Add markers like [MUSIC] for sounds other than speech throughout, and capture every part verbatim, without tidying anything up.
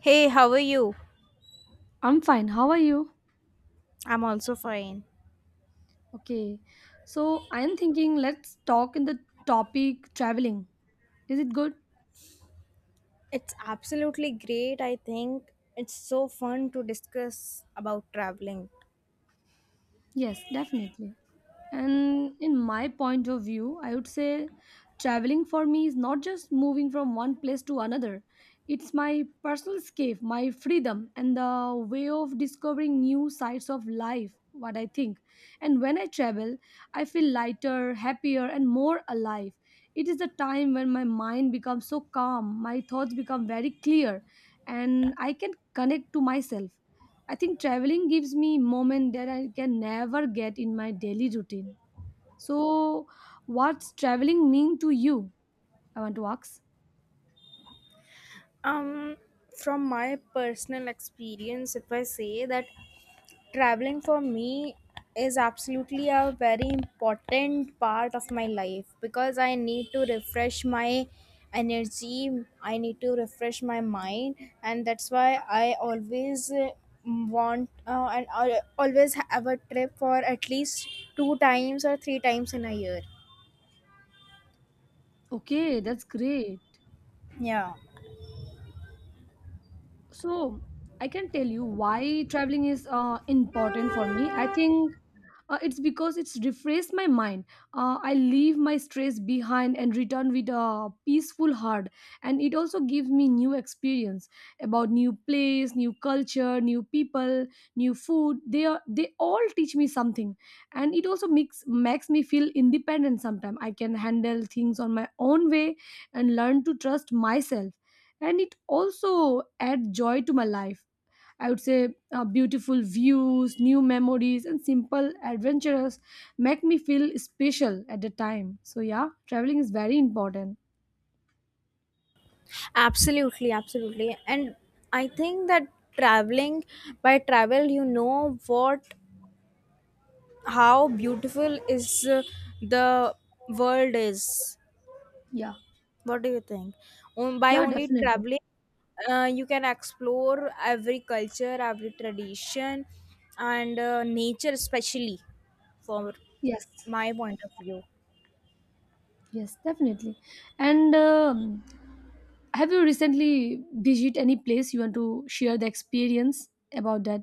Hey, how are you? I'm fine. How are you? I'm also fine. Okay. So I'm thinking let's talk in the topic traveling. Is it good? It's absolutely great. I think it's so fun to discuss about traveling. Yes, definitely. And in my point of view, I would say traveling for me is not just moving from one place to another. It's my personal escape, my freedom, and the way of discovering new sides of life, what I think. And when I travel, I feel lighter, happier, and more alive. It is the time when my mind becomes so calm, my thoughts become very clear, and I can connect to myself. I think traveling gives me moment that I can never get in my daily routine. So, what's traveling mean to you? I want to ask. Um, from my personal experience, if I say that traveling for me is absolutely a very important part of my life because I need to refresh my energy, I need to refresh my mind, and that's why I always uh, want uh, and I always have a trip for at least two times or three times in a year. Okay, that's great. Yeah, So, I can tell you why traveling is uh, important for me. I think Uh, it's because it's refreshed my mind. Uh, I leave my stress behind and return with a peaceful heart. And it also gives me new experience about new place, new culture, new people, new food. They are, they all teach me something, and it also makes makes me feel independent. Sometimes I can handle things on my own way and learn to trust myself. And it also adds joy to my life, I would say uh, beautiful views, new memories, and simple adventures make me feel special at the time. So, yeah, traveling is very important. absolutely, absolutely, and I think that traveling, by travel you know what, how beautiful is uh, the world is. Yeah. What do you think? Um, by Yeah, only definitely. traveling, uh, you can explore every culture, every tradition, and uh, nature, especially for Yes. my point of view. Yes, definitely. And um, have you recently visited any place you want to share the experience about that?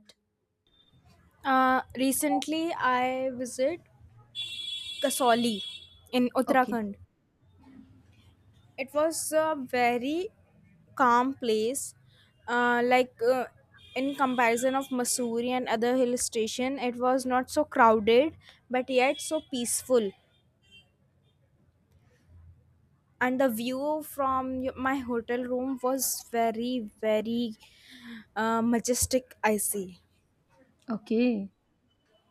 uh, Recently, I visit Kasauli in Okay. Uttarakhand. It was a very calm place, uh, like uh, in comparison of Missouri and other hill station. It was not so crowded but yet so peaceful, and the view from y- my hotel room was very, very uh, majestic, I see. Okay.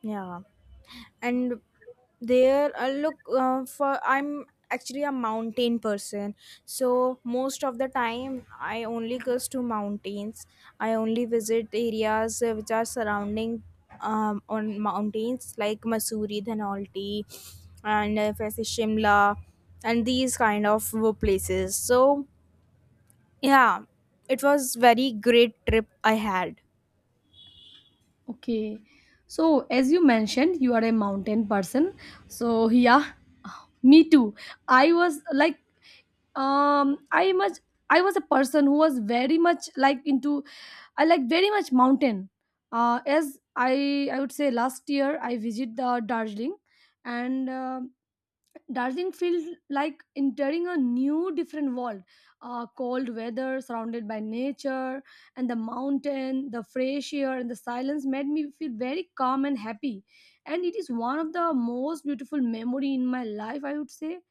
Yeah. And there uh, look uh, for I'm actually a mountain person, so most of the time I only goes to mountains. I only visit areas uh, which are surrounding um, on mountains, like Masuri, Dhanauti, and uh, if I say Shimla, and these kind of uh, places. So yeah, it was very great trip I had. Okay. So, as you mentioned, you are a mountain person. So, yeah, [SIGHS] me too. I was like, um, I much, I was a person who was very much like into, I like very much mountain. Uh, as I, I would say, last year I visit the Darjeeling, and uh, Darjeeling feels like entering a new, different world. Uh, cold weather, surrounded by nature and the mountain, the fresh air and the silence made me feel very calm and happy. And it is one of the most beautiful memory in my life, I would say.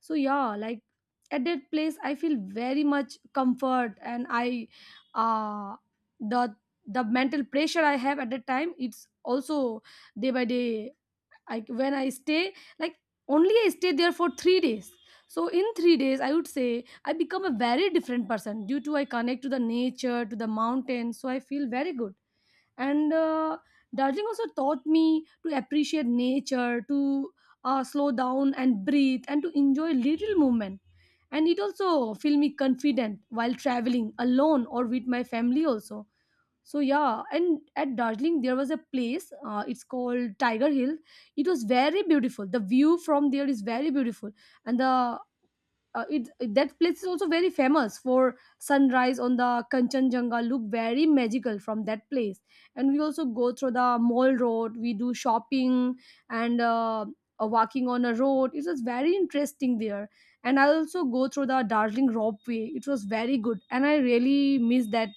So yeah, like at that place, I feel very much comfort, and I, uh, the the mental pressure I have at that time, it's also day by day I when I stay like only I stay there for three days. So in three days, I would say I become a very different person due to I connect to the nature, to the mountain. So I feel very good. And uh, Darjeeling also taught me to appreciate nature, to uh, slow down and breathe, and to enjoy little movement. And it also feel me confident while traveling alone or with my family also. So yeah, and at Darjeeling there was a place, uh, it's called Tiger Hill. It was very beautiful, the view from there is very beautiful. And the uh, it that place is also very famous for sunrise on the Kanchenjunga, look very magical from that place. And we also go through the Mall Road, we do shopping, and uh, uh, walking on a road, it was very interesting there. And I also go through the Darjeeling ropeway, it was very good, and I really miss that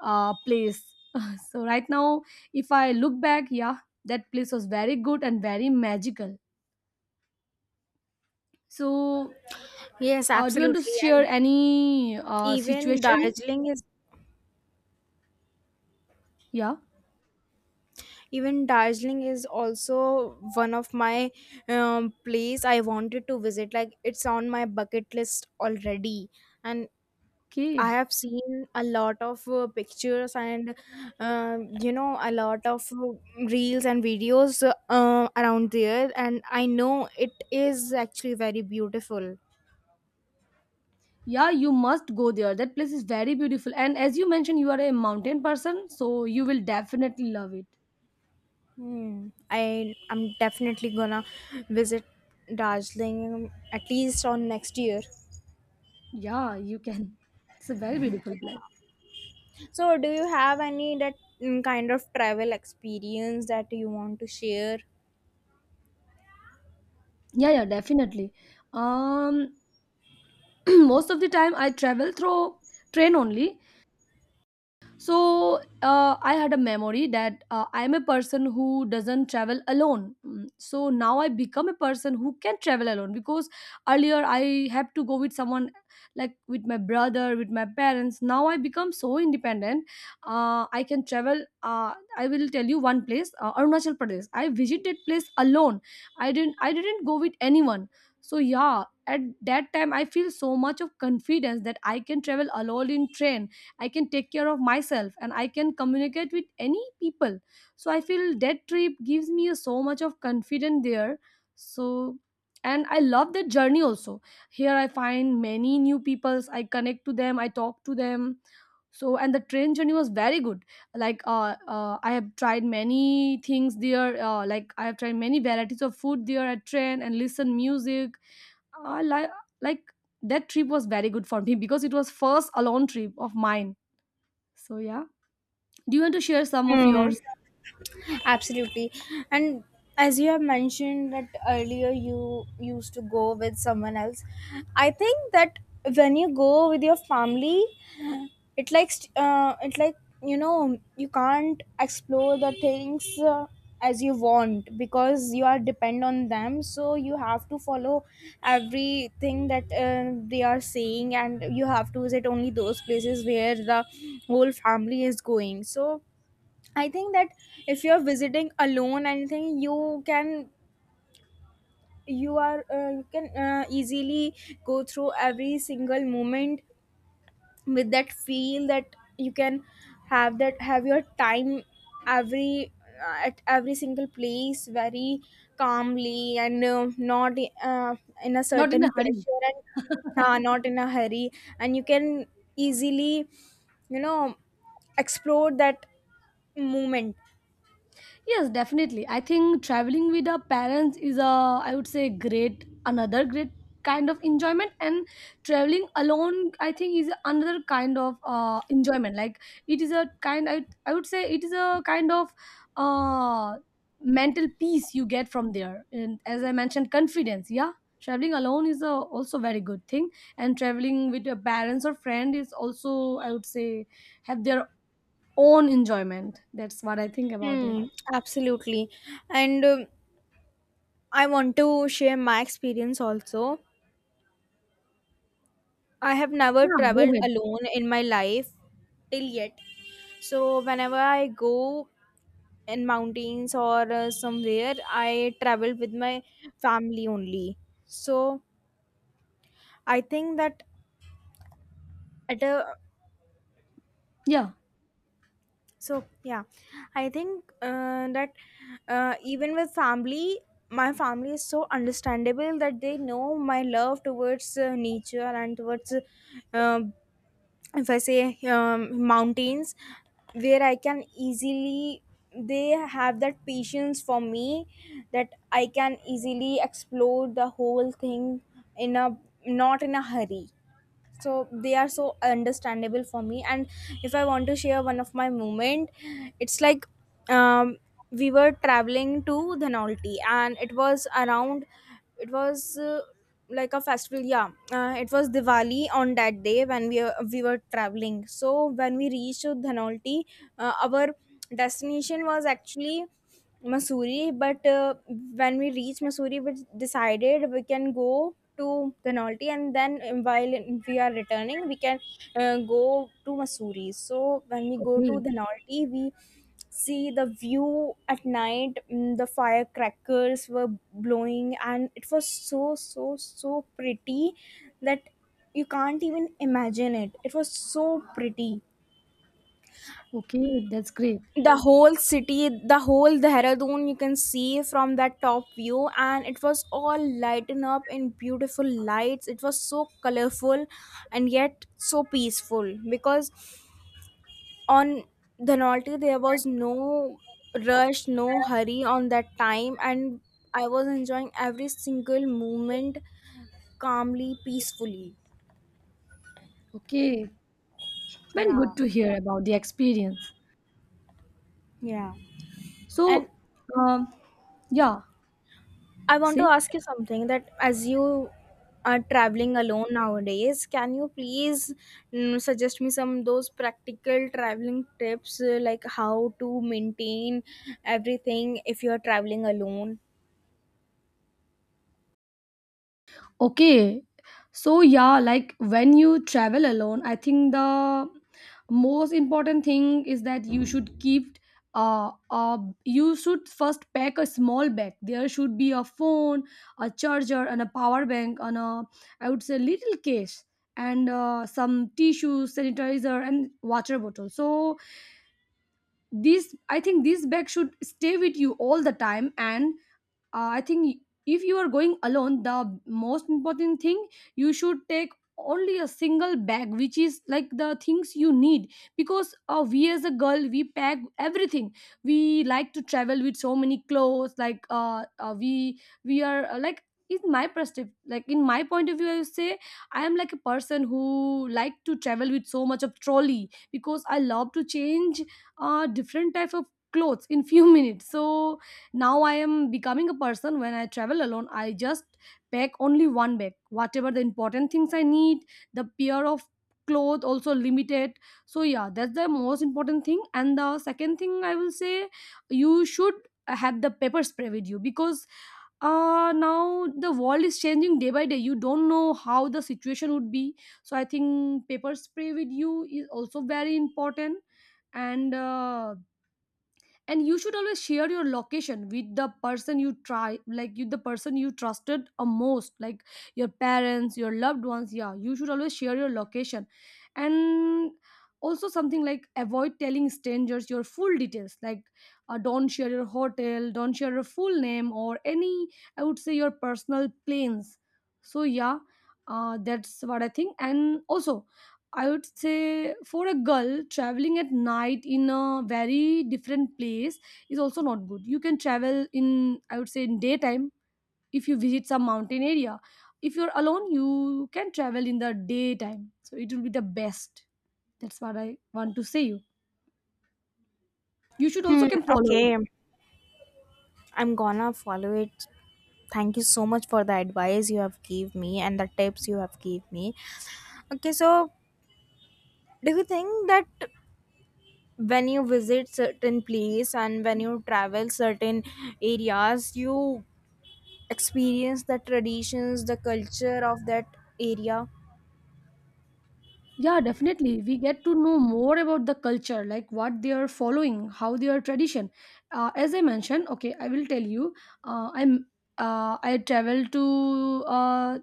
uh, place. [LAUGHS] So right now, if I look back, yeah, that place was very good and very magical. So Yes, uh, do you want to absolutely, share and any uh, even situation? Darjeeling is Yeah. even darjeeling is also one of my um, place I wanted to visit, like it's on my bucket list already. And I Okay. have seen a lot of uh, pictures and, um you know, a lot of uh, reels and videos uh, around there, and I know it is actually very beautiful. Yeah, you must go there. That place is very beautiful. And as you mentioned, you are a mountain person, so you will definitely love it. Hmm. I I'm definitely gonna visit Darjeeling um, at least on next year. Yeah, you can. [LAUGHS] It's a very beautiful place. So, do you have any that mm, kind of travel experience that you want to share? Yeah, yeah, definitely. Um, [CLEARS THROAT] most of the time I travel through train only. So uh, I had a memory that uh, I am a person who doesn't travel alone. Mm. So now I become a person who can travel alone because earlier I had to go with someone, like with my brother, with my parents. Now I become so independent. Uh, I can travel. Uh, I will tell you one place, uh, Arunachal Pradesh. I visited place alone. I didn't. I didn't go with anyone. So yeah, at that time I feel so much of confidence that I can travel alone in train. I can take care of myself and I can communicate with any people. So I feel that trip gives me so much of confidence there. So, and I love that journey also. Here I find many new peoples, I connect to them, I talk to them. So, and the train journey was very good. Like uh, uh I have tried many things there, uh, like I have tried many varieties of food there at train and listen music. I like like that trip was very good for me [LAUGHS] because it was first alone trip of mine. So yeah, do you want to share some of Hmm. yours? Absolutely. And as you have mentioned that earlier, you used to go with someone else. I think that when you go with your family, it like st- uh, it like you know you can't explore the things uh, as you want because you are depend on them, so you have to follow everything that uh, they are saying, and you have to visit only those places where the whole family is going. So I think that if you're visiting alone anything, you can, you are, uh, you can uh, easily go through every single moment with that feel, that you can have that, have your time every uh, at every single place, very calmly and uh, not uh, in a Not in a certain hurry. pressure and uh, not in a hurry. And you can easily, you know explore that moment. Yes, definitely. I think traveling with our parents is a, I would say, great, another great kind of enjoyment, and traveling alone I think is another kind of uh, enjoyment. Like, it is a kind I, I would say it is a kind of uh, mental peace you get from there. And as I mentioned confidence, yeah. Traveling alone is a, also very good thing, and traveling with your parents or friend is also, I would say, have their own enjoyment. That's what I think about it. Hmm, absolutely. And um, I want to share my experience also. I have never Yeah, go traveled ahead. alone in my life till yet. So whenever I go in mountains or uh, somewhere, I travel with my family only. So I think that at a Yeah. so yeah, I think uh, that uh, even with family, my family is so understandable that they know my love towards uh, nature and towards, uh, if I say um, mountains, where I can easily, they have that patience for me that I can easily explore the whole thing in a, not in a hurry. So they are so understandable for me. And if I want to share one of my moment, it's like, um, we were traveling to Dhanolti, and it was around it was uh, like a festival. Yeah, uh, it was Diwali on that day when we we were traveling So when we reached Dhanolti, uh, our destination was actually Mussoorie, but uh, when we reached Mussoorie, we decided we can go to Dhanolti, and then um, while we are returning, we can uh, go to Mussoorie. So when we go to Okay. Dhanolti, we see the view at night. mm, The firecrackers were blowing, and it was so, so, so pretty that you can't even imagine it. It was so pretty. Okay. That's great. The whole city, the whole Dehradun, you can see from that top view, and it was all lightened up in beautiful lights. It was so colorful and yet so peaceful because on Dhanolti there was no rush, no hurry on that time, and I was enjoying every single moment, calmly, peacefully. Okay. Very good Yeah. to hear about the experience. Yeah, and So, um, yeah. I want to See, ask you something, that as you are traveling alone nowadays, can you please mm, suggest me some those practical traveling tips, uh, like how to maintain everything if you are traveling alone? okay. So yeah, like when you travel alone, I think the most important thing is that you should keep uh, uh you should first pack a small bag. There should be a phone, a charger, and a power bank on a, I would say, little case, and uh, some tissues, sanitizer, and water bottle. So this, I think this bag should stay with you all the time. And uh, i think if you are going alone, the most important thing you should take only a single bag which is like the things you need, because uh, we as a girl we pack everything. We like to travel with so many clothes, like uh, uh we we are uh, like, in my perspective, like in my point of view, I would say I am like a person who like to travel with so much of trolley because I love to change uh different type of clothes in few [LAUGHS] minutes. So now I am becoming a person when I travel alone, I just pack only one bag. Whatever the important things I need, the pair of clothes also limited. So yeah, that's the most important thing. And the second thing I will say, you should have the pepper spray with you, because uh now the world is changing day by day, you don't know how the situation would be. So I think pepper spray with you is also very important. And uh, and you should always share your location with the person you try like you the person you trusted a most, like your parents, your loved ones. Yeah, you should always share your location. And also something like avoid telling strangers your full details, like uh, don't share your hotel, don't share your full name or any, I would say, your personal plans. So yeah, uh, that's what I think. And also I would say for a girl, traveling at night in a very different place is also not good. You can travel in, I would say, in daytime. If you visit some mountain area, if you're alone, you can travel in the daytime. So it will be the best. That's what I want to say you. You should also Hmm, can follow it. okay. I'm gonna follow it. Thank you so much for the advice you have gave me and the tips you have gave me. Okay, so do you think that when you visit certain place and when you travel certain areas, you experience the traditions, the culture of that area? Yeah, definitely. We get to know more about the culture, like what they are following, how their tradition. Uh, as I mentioned, okay, I will tell you. Uh, I'm uh, I traveled to uh,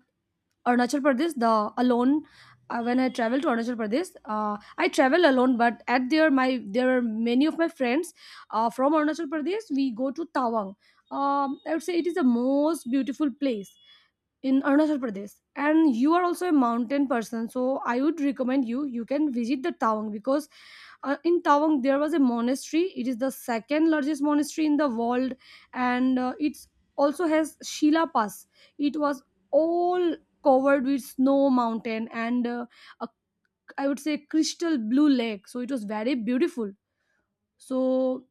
Arunachal Pradesh, the alone. uh, when I travel to Arunachal Pradesh, uh, I travel alone. But at there, my there are many of my friends uh, from Arunachal Pradesh. We go to Tawang. Um, I would say it is the most beautiful place in Arunachal Pradesh. And you are also a mountain person, so I would recommend you you can visit the Tawang, because uh, in Tawang there was a monastery. It is the second largest monastery in the world, and uh, it also has Shila Pass. It was all covered with snow mountain, and uh, a, I would say crystal blue lake. So it was very beautiful. So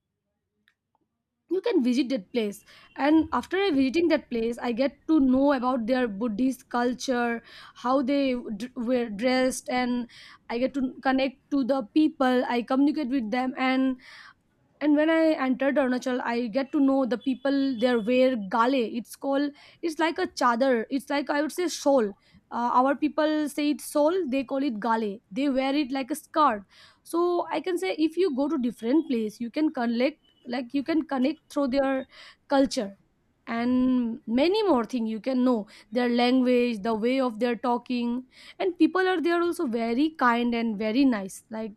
you can visit that place, and after I visiting that place I get to know about their Buddhist culture, how they d- were dressed. And I get to connect to the people, I communicate with them. And and when I entered Arunachal, I get to know the people there wear Gale, it's called. It's like a chadar, it's like, I would say, shawl. Uh, our people say it's shawl, they call it Gale. They wear it like a scarf. So I can say if you go to different place, you can connect, like you can connect through their culture. And many more thing you can know, their language, the way of their talking. And people are there also very kind and very nice. Like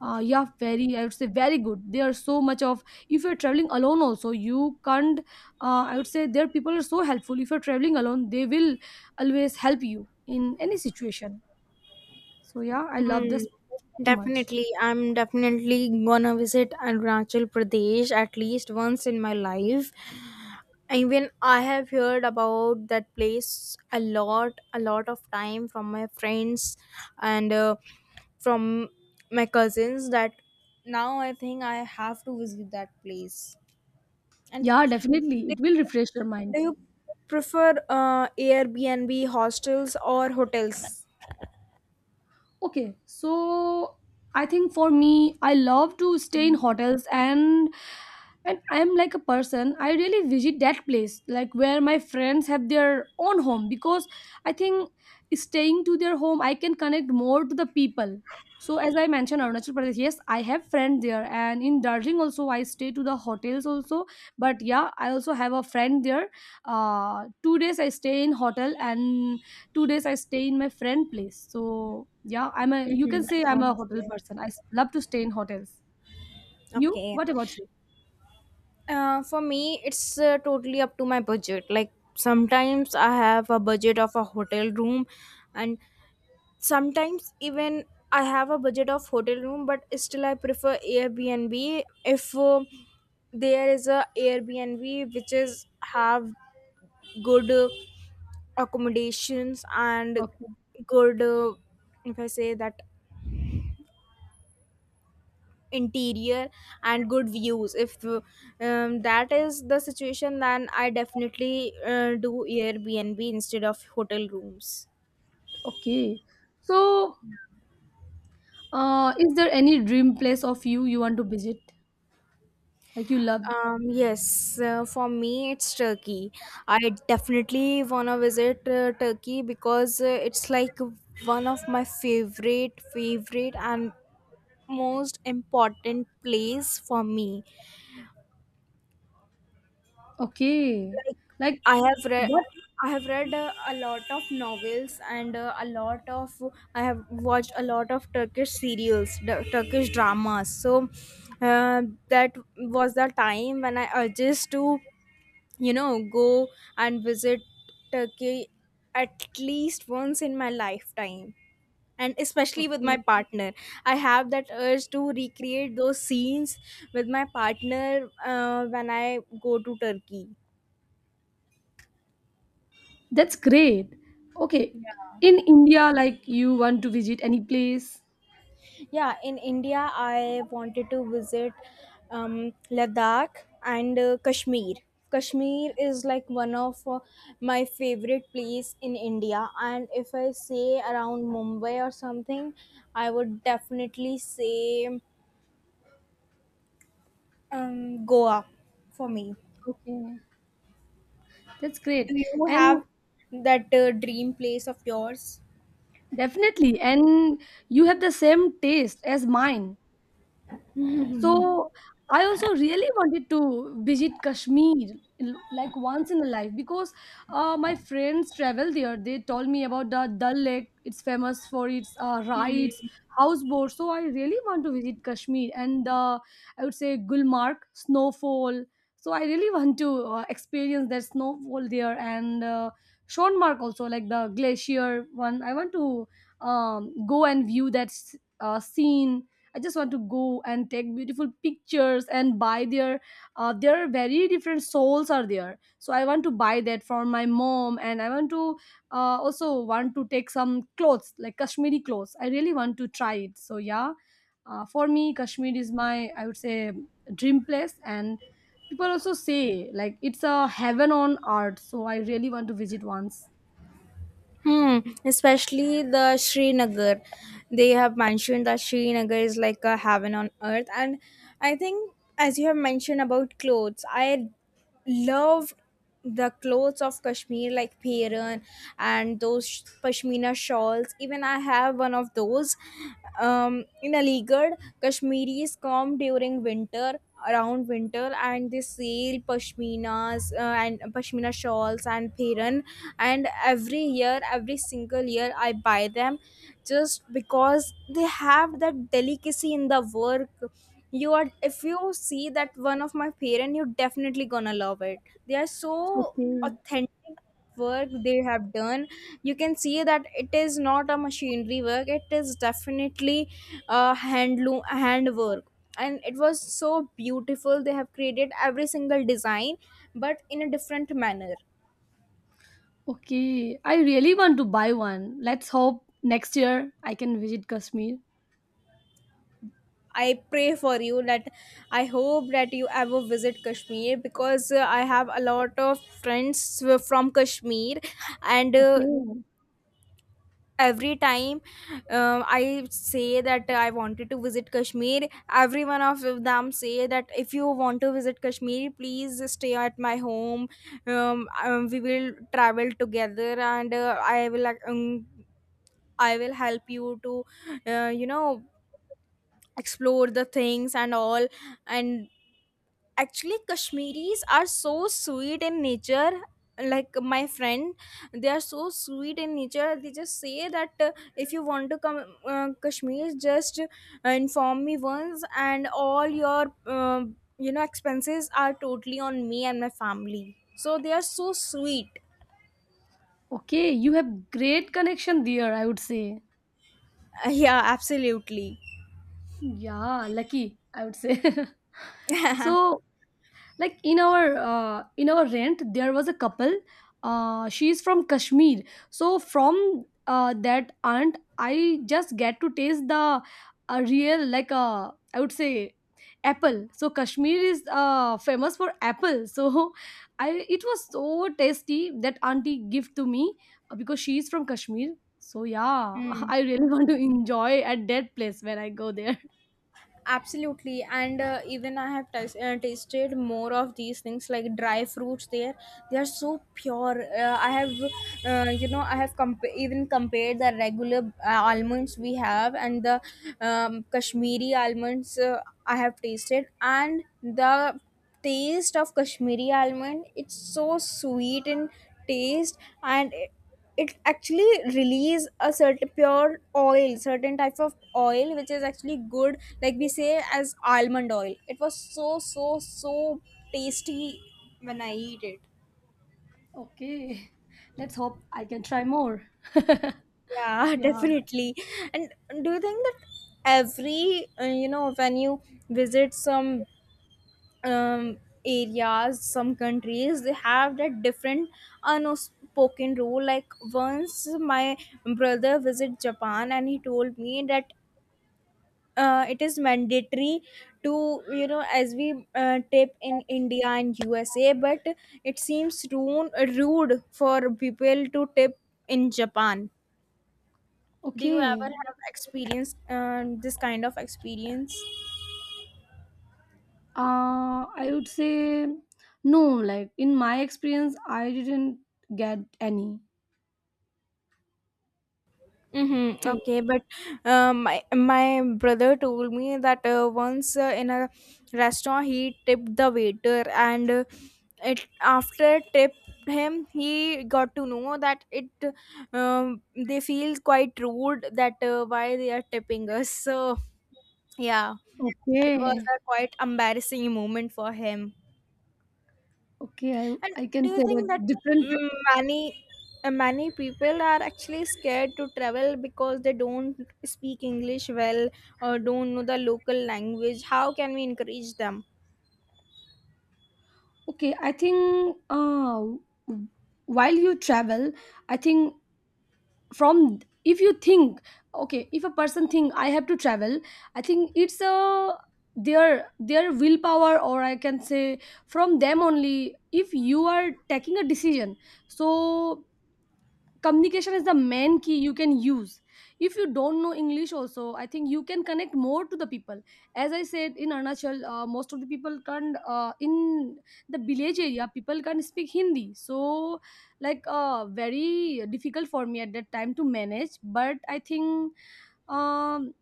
uh, yeah, very, I would say, very good. There are so much of, if you're traveling alone also, you can't, uh, I would say their people are so helpful. If you're traveling alone, they will always help you in any situation. So yeah, I love Hmm. this very much. Definitely, I'm definitely gonna visit Arunachal Pradesh at least once in my life. Even I have heard about that place a lot, a lot of time from my friends and uh, from my cousins. That now I think I have to visit that place. And Yeah, definitely. do It will refresh your do mind. you prefer uh, Airbnb, hostels, or hotels? Okay, so I think for me, I love to stay in hotels, and and I am like a person. I really visit that place, like where my friends have their own home, because I think staying to their home, I can connect more to the people. So as I mentioned, Arunachal Pradesh, yes, I have friends there, and in Darjeeling also, I stay to the hotels also. But yeah, I also have a friend there. Uh, two days I stay in hotel and two days I stay in my friend place. So, yeah, I'm a you can Mm-hmm. say I'm a hotel person. I s- love to stay in hotels. Okay. You? Okay. What about you? Uh, for me, it's uh, totally up to my budget. Like sometimes I have a budget of a hotel room, and sometimes even I have a budget of hotel room, but still I prefer Airbnb if uh, there is a Airbnb which is have good uh, accommodations and Okay. good. Uh, if I say that interior and good views, if um, that is the situation, then I definitely uh, do Airbnb instead of hotel rooms. Okay. So, uh, is there any dream place of you you want to visit? Like you love? Um yes, uh, for me, it's Turkey. I definitely want to visit uh, Turkey because uh, it's like one of my favorite, favorite and most important place for me. Okay. Like Like i have read what? I have read uh, a lot of novels, and uh, a lot of I have watched a lot of Turkish serials, d- Turkish dramas. So uh, that was the time when I urged to, you know, go and visit Turkey at least once in my lifetime, and especially with my Okay. partner. I have that urge to recreate those scenes with my partner uh, when I go to Turkey. That's great. Okay. In India, like you want to visit any place? Yeah, in India, I wanted to visit um, Ladakh and uh, Kashmir. Kashmir is like one of uh, my favorite place in India, and if I say around Mumbai or something, I would definitely say um, Goa for me. Okay. That's great. Do you And have that uh, dream place of yours? definitely, and you have the same taste as mine. So I also really wanted to visit Kashmir l- like once in a life, because uh, my friends travel there. They told me about the Dal Lake. It's famous for its uh, rides, houseboats. So I really want to visit Kashmir, and uh, I would say Gulmarg snowfall. So I really [LAUGHS] want to uh, experience that snowfall there, and uh, Shonmark also, like the glacier one. I want to um, go and view that s- uh, scene. I just want to go and take beautiful pictures and buy their, uh, there are very different souls are there. So I want to buy that for my mom, and I want to uh, also want to take some clothes, like Kashmiri clothes. I really want to try it. So yeah, uh, for me Kashmir is my, I would say, dream place. And people also say like it's a heaven on earth. So I really want to visit once. Hmm, especially the Srinagar. They have mentioned that Srinagar is like a heaven on earth. And I think, as you have mentioned about clothes, I love the clothes of Kashmir, like Peiran and those sh- pashmina shawls. Even I have one of those. Um, in Aligarh, Kashmiris come during winter, around winter, and they sell pashminas uh, and pashmina shawls and Peiran, and every year, every single year, I buy them just because they have that delicacy in the work. You are, if you see that one of my parent, you're definitely gonna love it. They are so authentic work they have done. You can see that it is not a machinery work, it is definitely a handloom, handwork, and it was so beautiful. They have created every single design, but in a different manner. Okay, I really want to buy one. Let's hope next year I can visit Kashmir. I pray for you that I hope that you ever visit Kashmir, because uh, I have a lot of friends who are from Kashmir, and uh, Okay. every time uh, I say that I wanted to visit Kashmir, every one of them say that if you want to visit Kashmir, please stay at my home. Um, um, we will travel together, and uh, I will, like, um, I will help you to, uh, you know explore the things and all. And actually Kashmiris are so sweet in nature, like my friend. They are so sweet in nature. They just say that, uh, if you want to come uh, Kashmir, just uh, inform me once, and all your um you know expenses are totally on me and my family. So they are so sweet. [LAUGHS] Okay, you have great connection there, I would say. Uh, yeah, absolutely. Yeah, lucky, I would say. [LAUGHS] So, like in our uh, in our rent there was a couple. Uh, she's from Kashmir. So from uh, that aunt, I just get to taste the a real, like, uh, I would say, apple. So Kashmir is uh, famous for apple. [LAUGHS] So I it was so tasty that auntie give to me, uh, because she is from Kashmir. So yeah, [LAUGHS] I really want to enjoy at that place when I go there. Absolutely, and uh, even I have tas- uh, tasted more of these things like dry fruits there. They are so pure. uh, I have, uh, you know I have comp- even compared the regular uh, almonds we have and the um, Kashmiri almonds uh, I have tasted, and the taste of Kashmiri almond, it's so sweet in taste, and it actually release a certain pure oil, certain type of oil, which is actually good, like we say as almond oil. It was so, so, so tasty when I eat it. Okay, let's hope I can try more. Yeah, [LAUGHS] Yeah. definitely. And do you think that every, uh, you know when you visit some um, areas, some countries, they have that different unspoken rule? Like once my brother visit Japan, and he told me that uh, it is mandatory to, you know as we uh, tip in India and USA. But it seems rude, rude for people to tip in Japan. Do you ever Okay. have experience uh, this kind of experience? Uh, I would say no. Like in my experience, I didn't get any. Mm-hmm. Okay. Okay, but uh, my my brother told me that uh, once uh, in a restaurant he tipped the waiter, and uh, it after tipped him he got to know that it um, they feel quite rude that uh, why they are tipping us. So yeah, it was Okay. a quite embarrassing moment for him. Okay. I And I do can you say that think that different. mm, many uh, many people are actually scared to travel because they don't speak English well or don't know the local language? How can we encourage them? Okay. I think uh, while you travel, I think, from, if you think, okay, if a person think I have to travel, I think it's a their their willpower, or I can say from them only. If you are taking a decision, so communication is the main key you can use. If you don't know English also, I think you can connect more to the people. As I said, in Arunachal, uh, most of the people can't, uh, in the village area people can't speak Hindi. So like, uh, very difficult for me at that time to manage. But I think, um,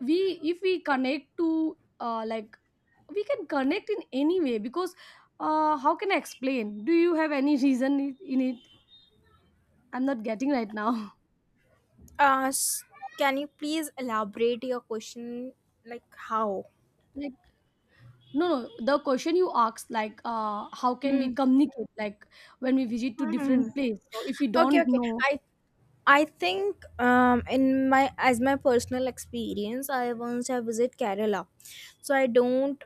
we, if we connect to, uh, like we can connect in any way. Because uh, how can I explain, do you have any reason in in it? I'm not getting right now. Uh, s- can you please elaborate your question? Like how? [LAUGHS] No, no. The question you asked, like, uh, how can we Hmm. communicate, like, when we visit to Hmm. different place? So if we Okay, don't okay. know. I I think um, in my as my personal experience, I once have visit Kerala, so I don't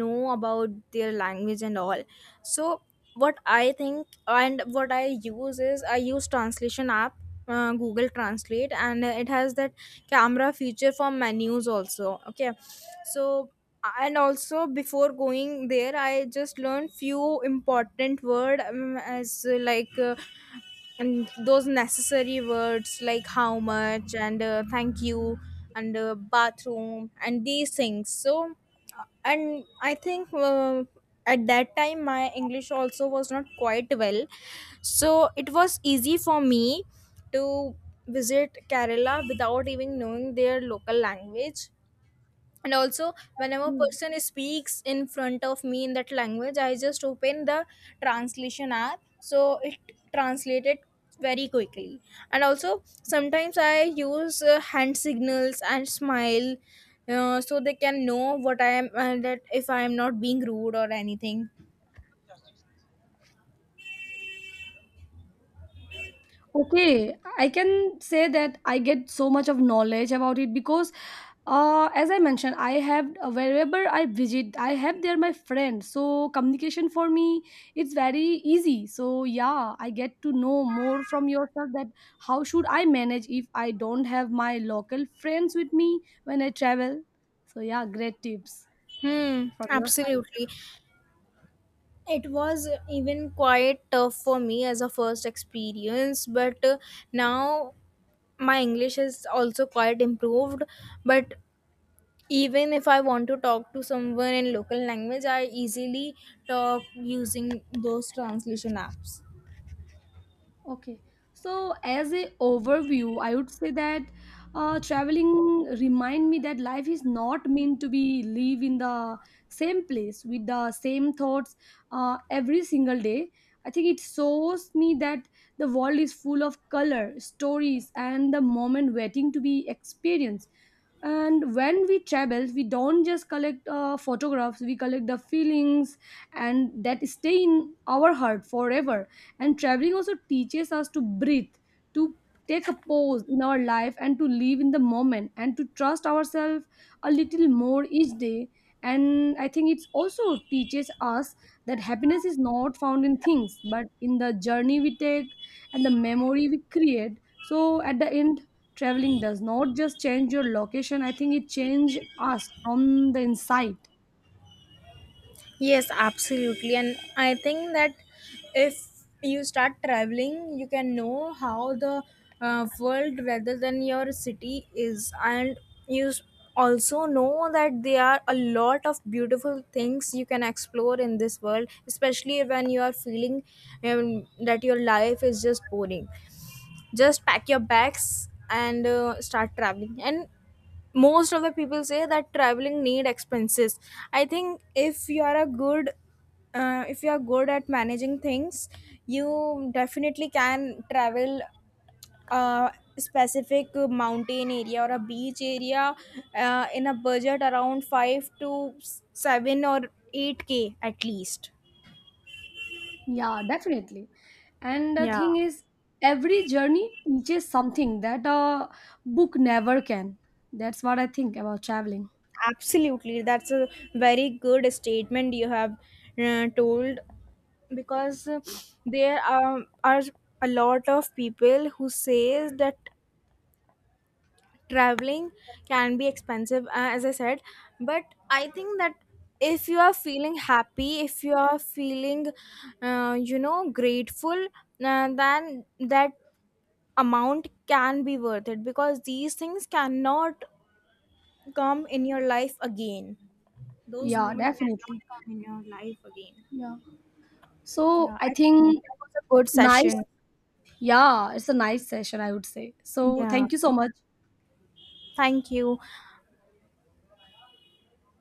know about their language and all. So what I think and what I use is I use translation app, uh, Google Translate, and it has that camera feature for menus also. Okay, so and also before going there, I just learned few important word um, as uh, like. Uh, and those necessary words like how much and uh, thank you and uh, bathroom and these things. So uh, and I think, uh, at that time my English also was not quite well, so it was easy for me to visit Kerala without even knowing their local language. And also whenever Hmm. person speaks in front of me in that language I just open the translation app, so it translated very quickly. And also sometimes I use uh, hand signals and smile, uh, so they can know what I am, uh, that if I am not being rude or anything. Okay, I can say that I get so much of knowledge about it because, uh, as I mentioned, I have uh, wherever I visit, I have there my friends. So communication for me, it's very easy. So yeah, I get to know more from yourself that how should I manage if I don't have my local friends with me when I travel. So yeah, great tips. Hmm, From your side? absolutely. It was even quite tough for me as a first experience, but uh, now my English is also quite improved. But even if I want to talk to someone in local language I easily talk using those translation apps. Okay. So as a overview, I would say that uh, traveling remind me that life is not meant to be live in the same place with the same thoughts, uh, every single day. I think it shows me that the world is full of color, stories, and the moment waiting to be experienced. And when we travel, we don't just collect uh, photographs, we collect the feelings, and that stay in our heart forever. And traveling also teaches us to breathe, to take a pause in our life, and to live in the moment, and to trust ourselves a little more each day. And I think it also teaches us that happiness is not found in things but in the journey we take, and the memory we create. So at the end, traveling does not just change your location, I think it changes us from the inside. Yes, absolutely. And I think that if you start traveling, you can know how the uh, world rather than your city is. And you s- also know that there are a lot of beautiful things you can explore in this world, especially when you are feeling um, that your life is just boring. Just pack your bags and uh, start traveling. And most of the people say that traveling need expenses. I think if you are a good uh, if you are good at managing things, you definitely can travel a specific mountain area or a beach area uh, in a budget around five to seven or eight k at least. Yeah, definitely. And the Yeah. thing is, every journey teaches something that a book never can. That's what I think about traveling. Absolutely, that's a very good statement you have uh, told, because uh, there are, are a lot of people who says that traveling can be expensive, uh, as I said. But I think that if you are feeling happy, if you are feeling uh, you know grateful, uh, then that amount can be worth it, because these things cannot come in your life again, those Yeah, moments cannot definitely. come in your life again. Yeah. So Yeah, I I think think it was a good nice. session. Yeah, it's a nice session, I would say. So Yeah. thank you so much. Thank you.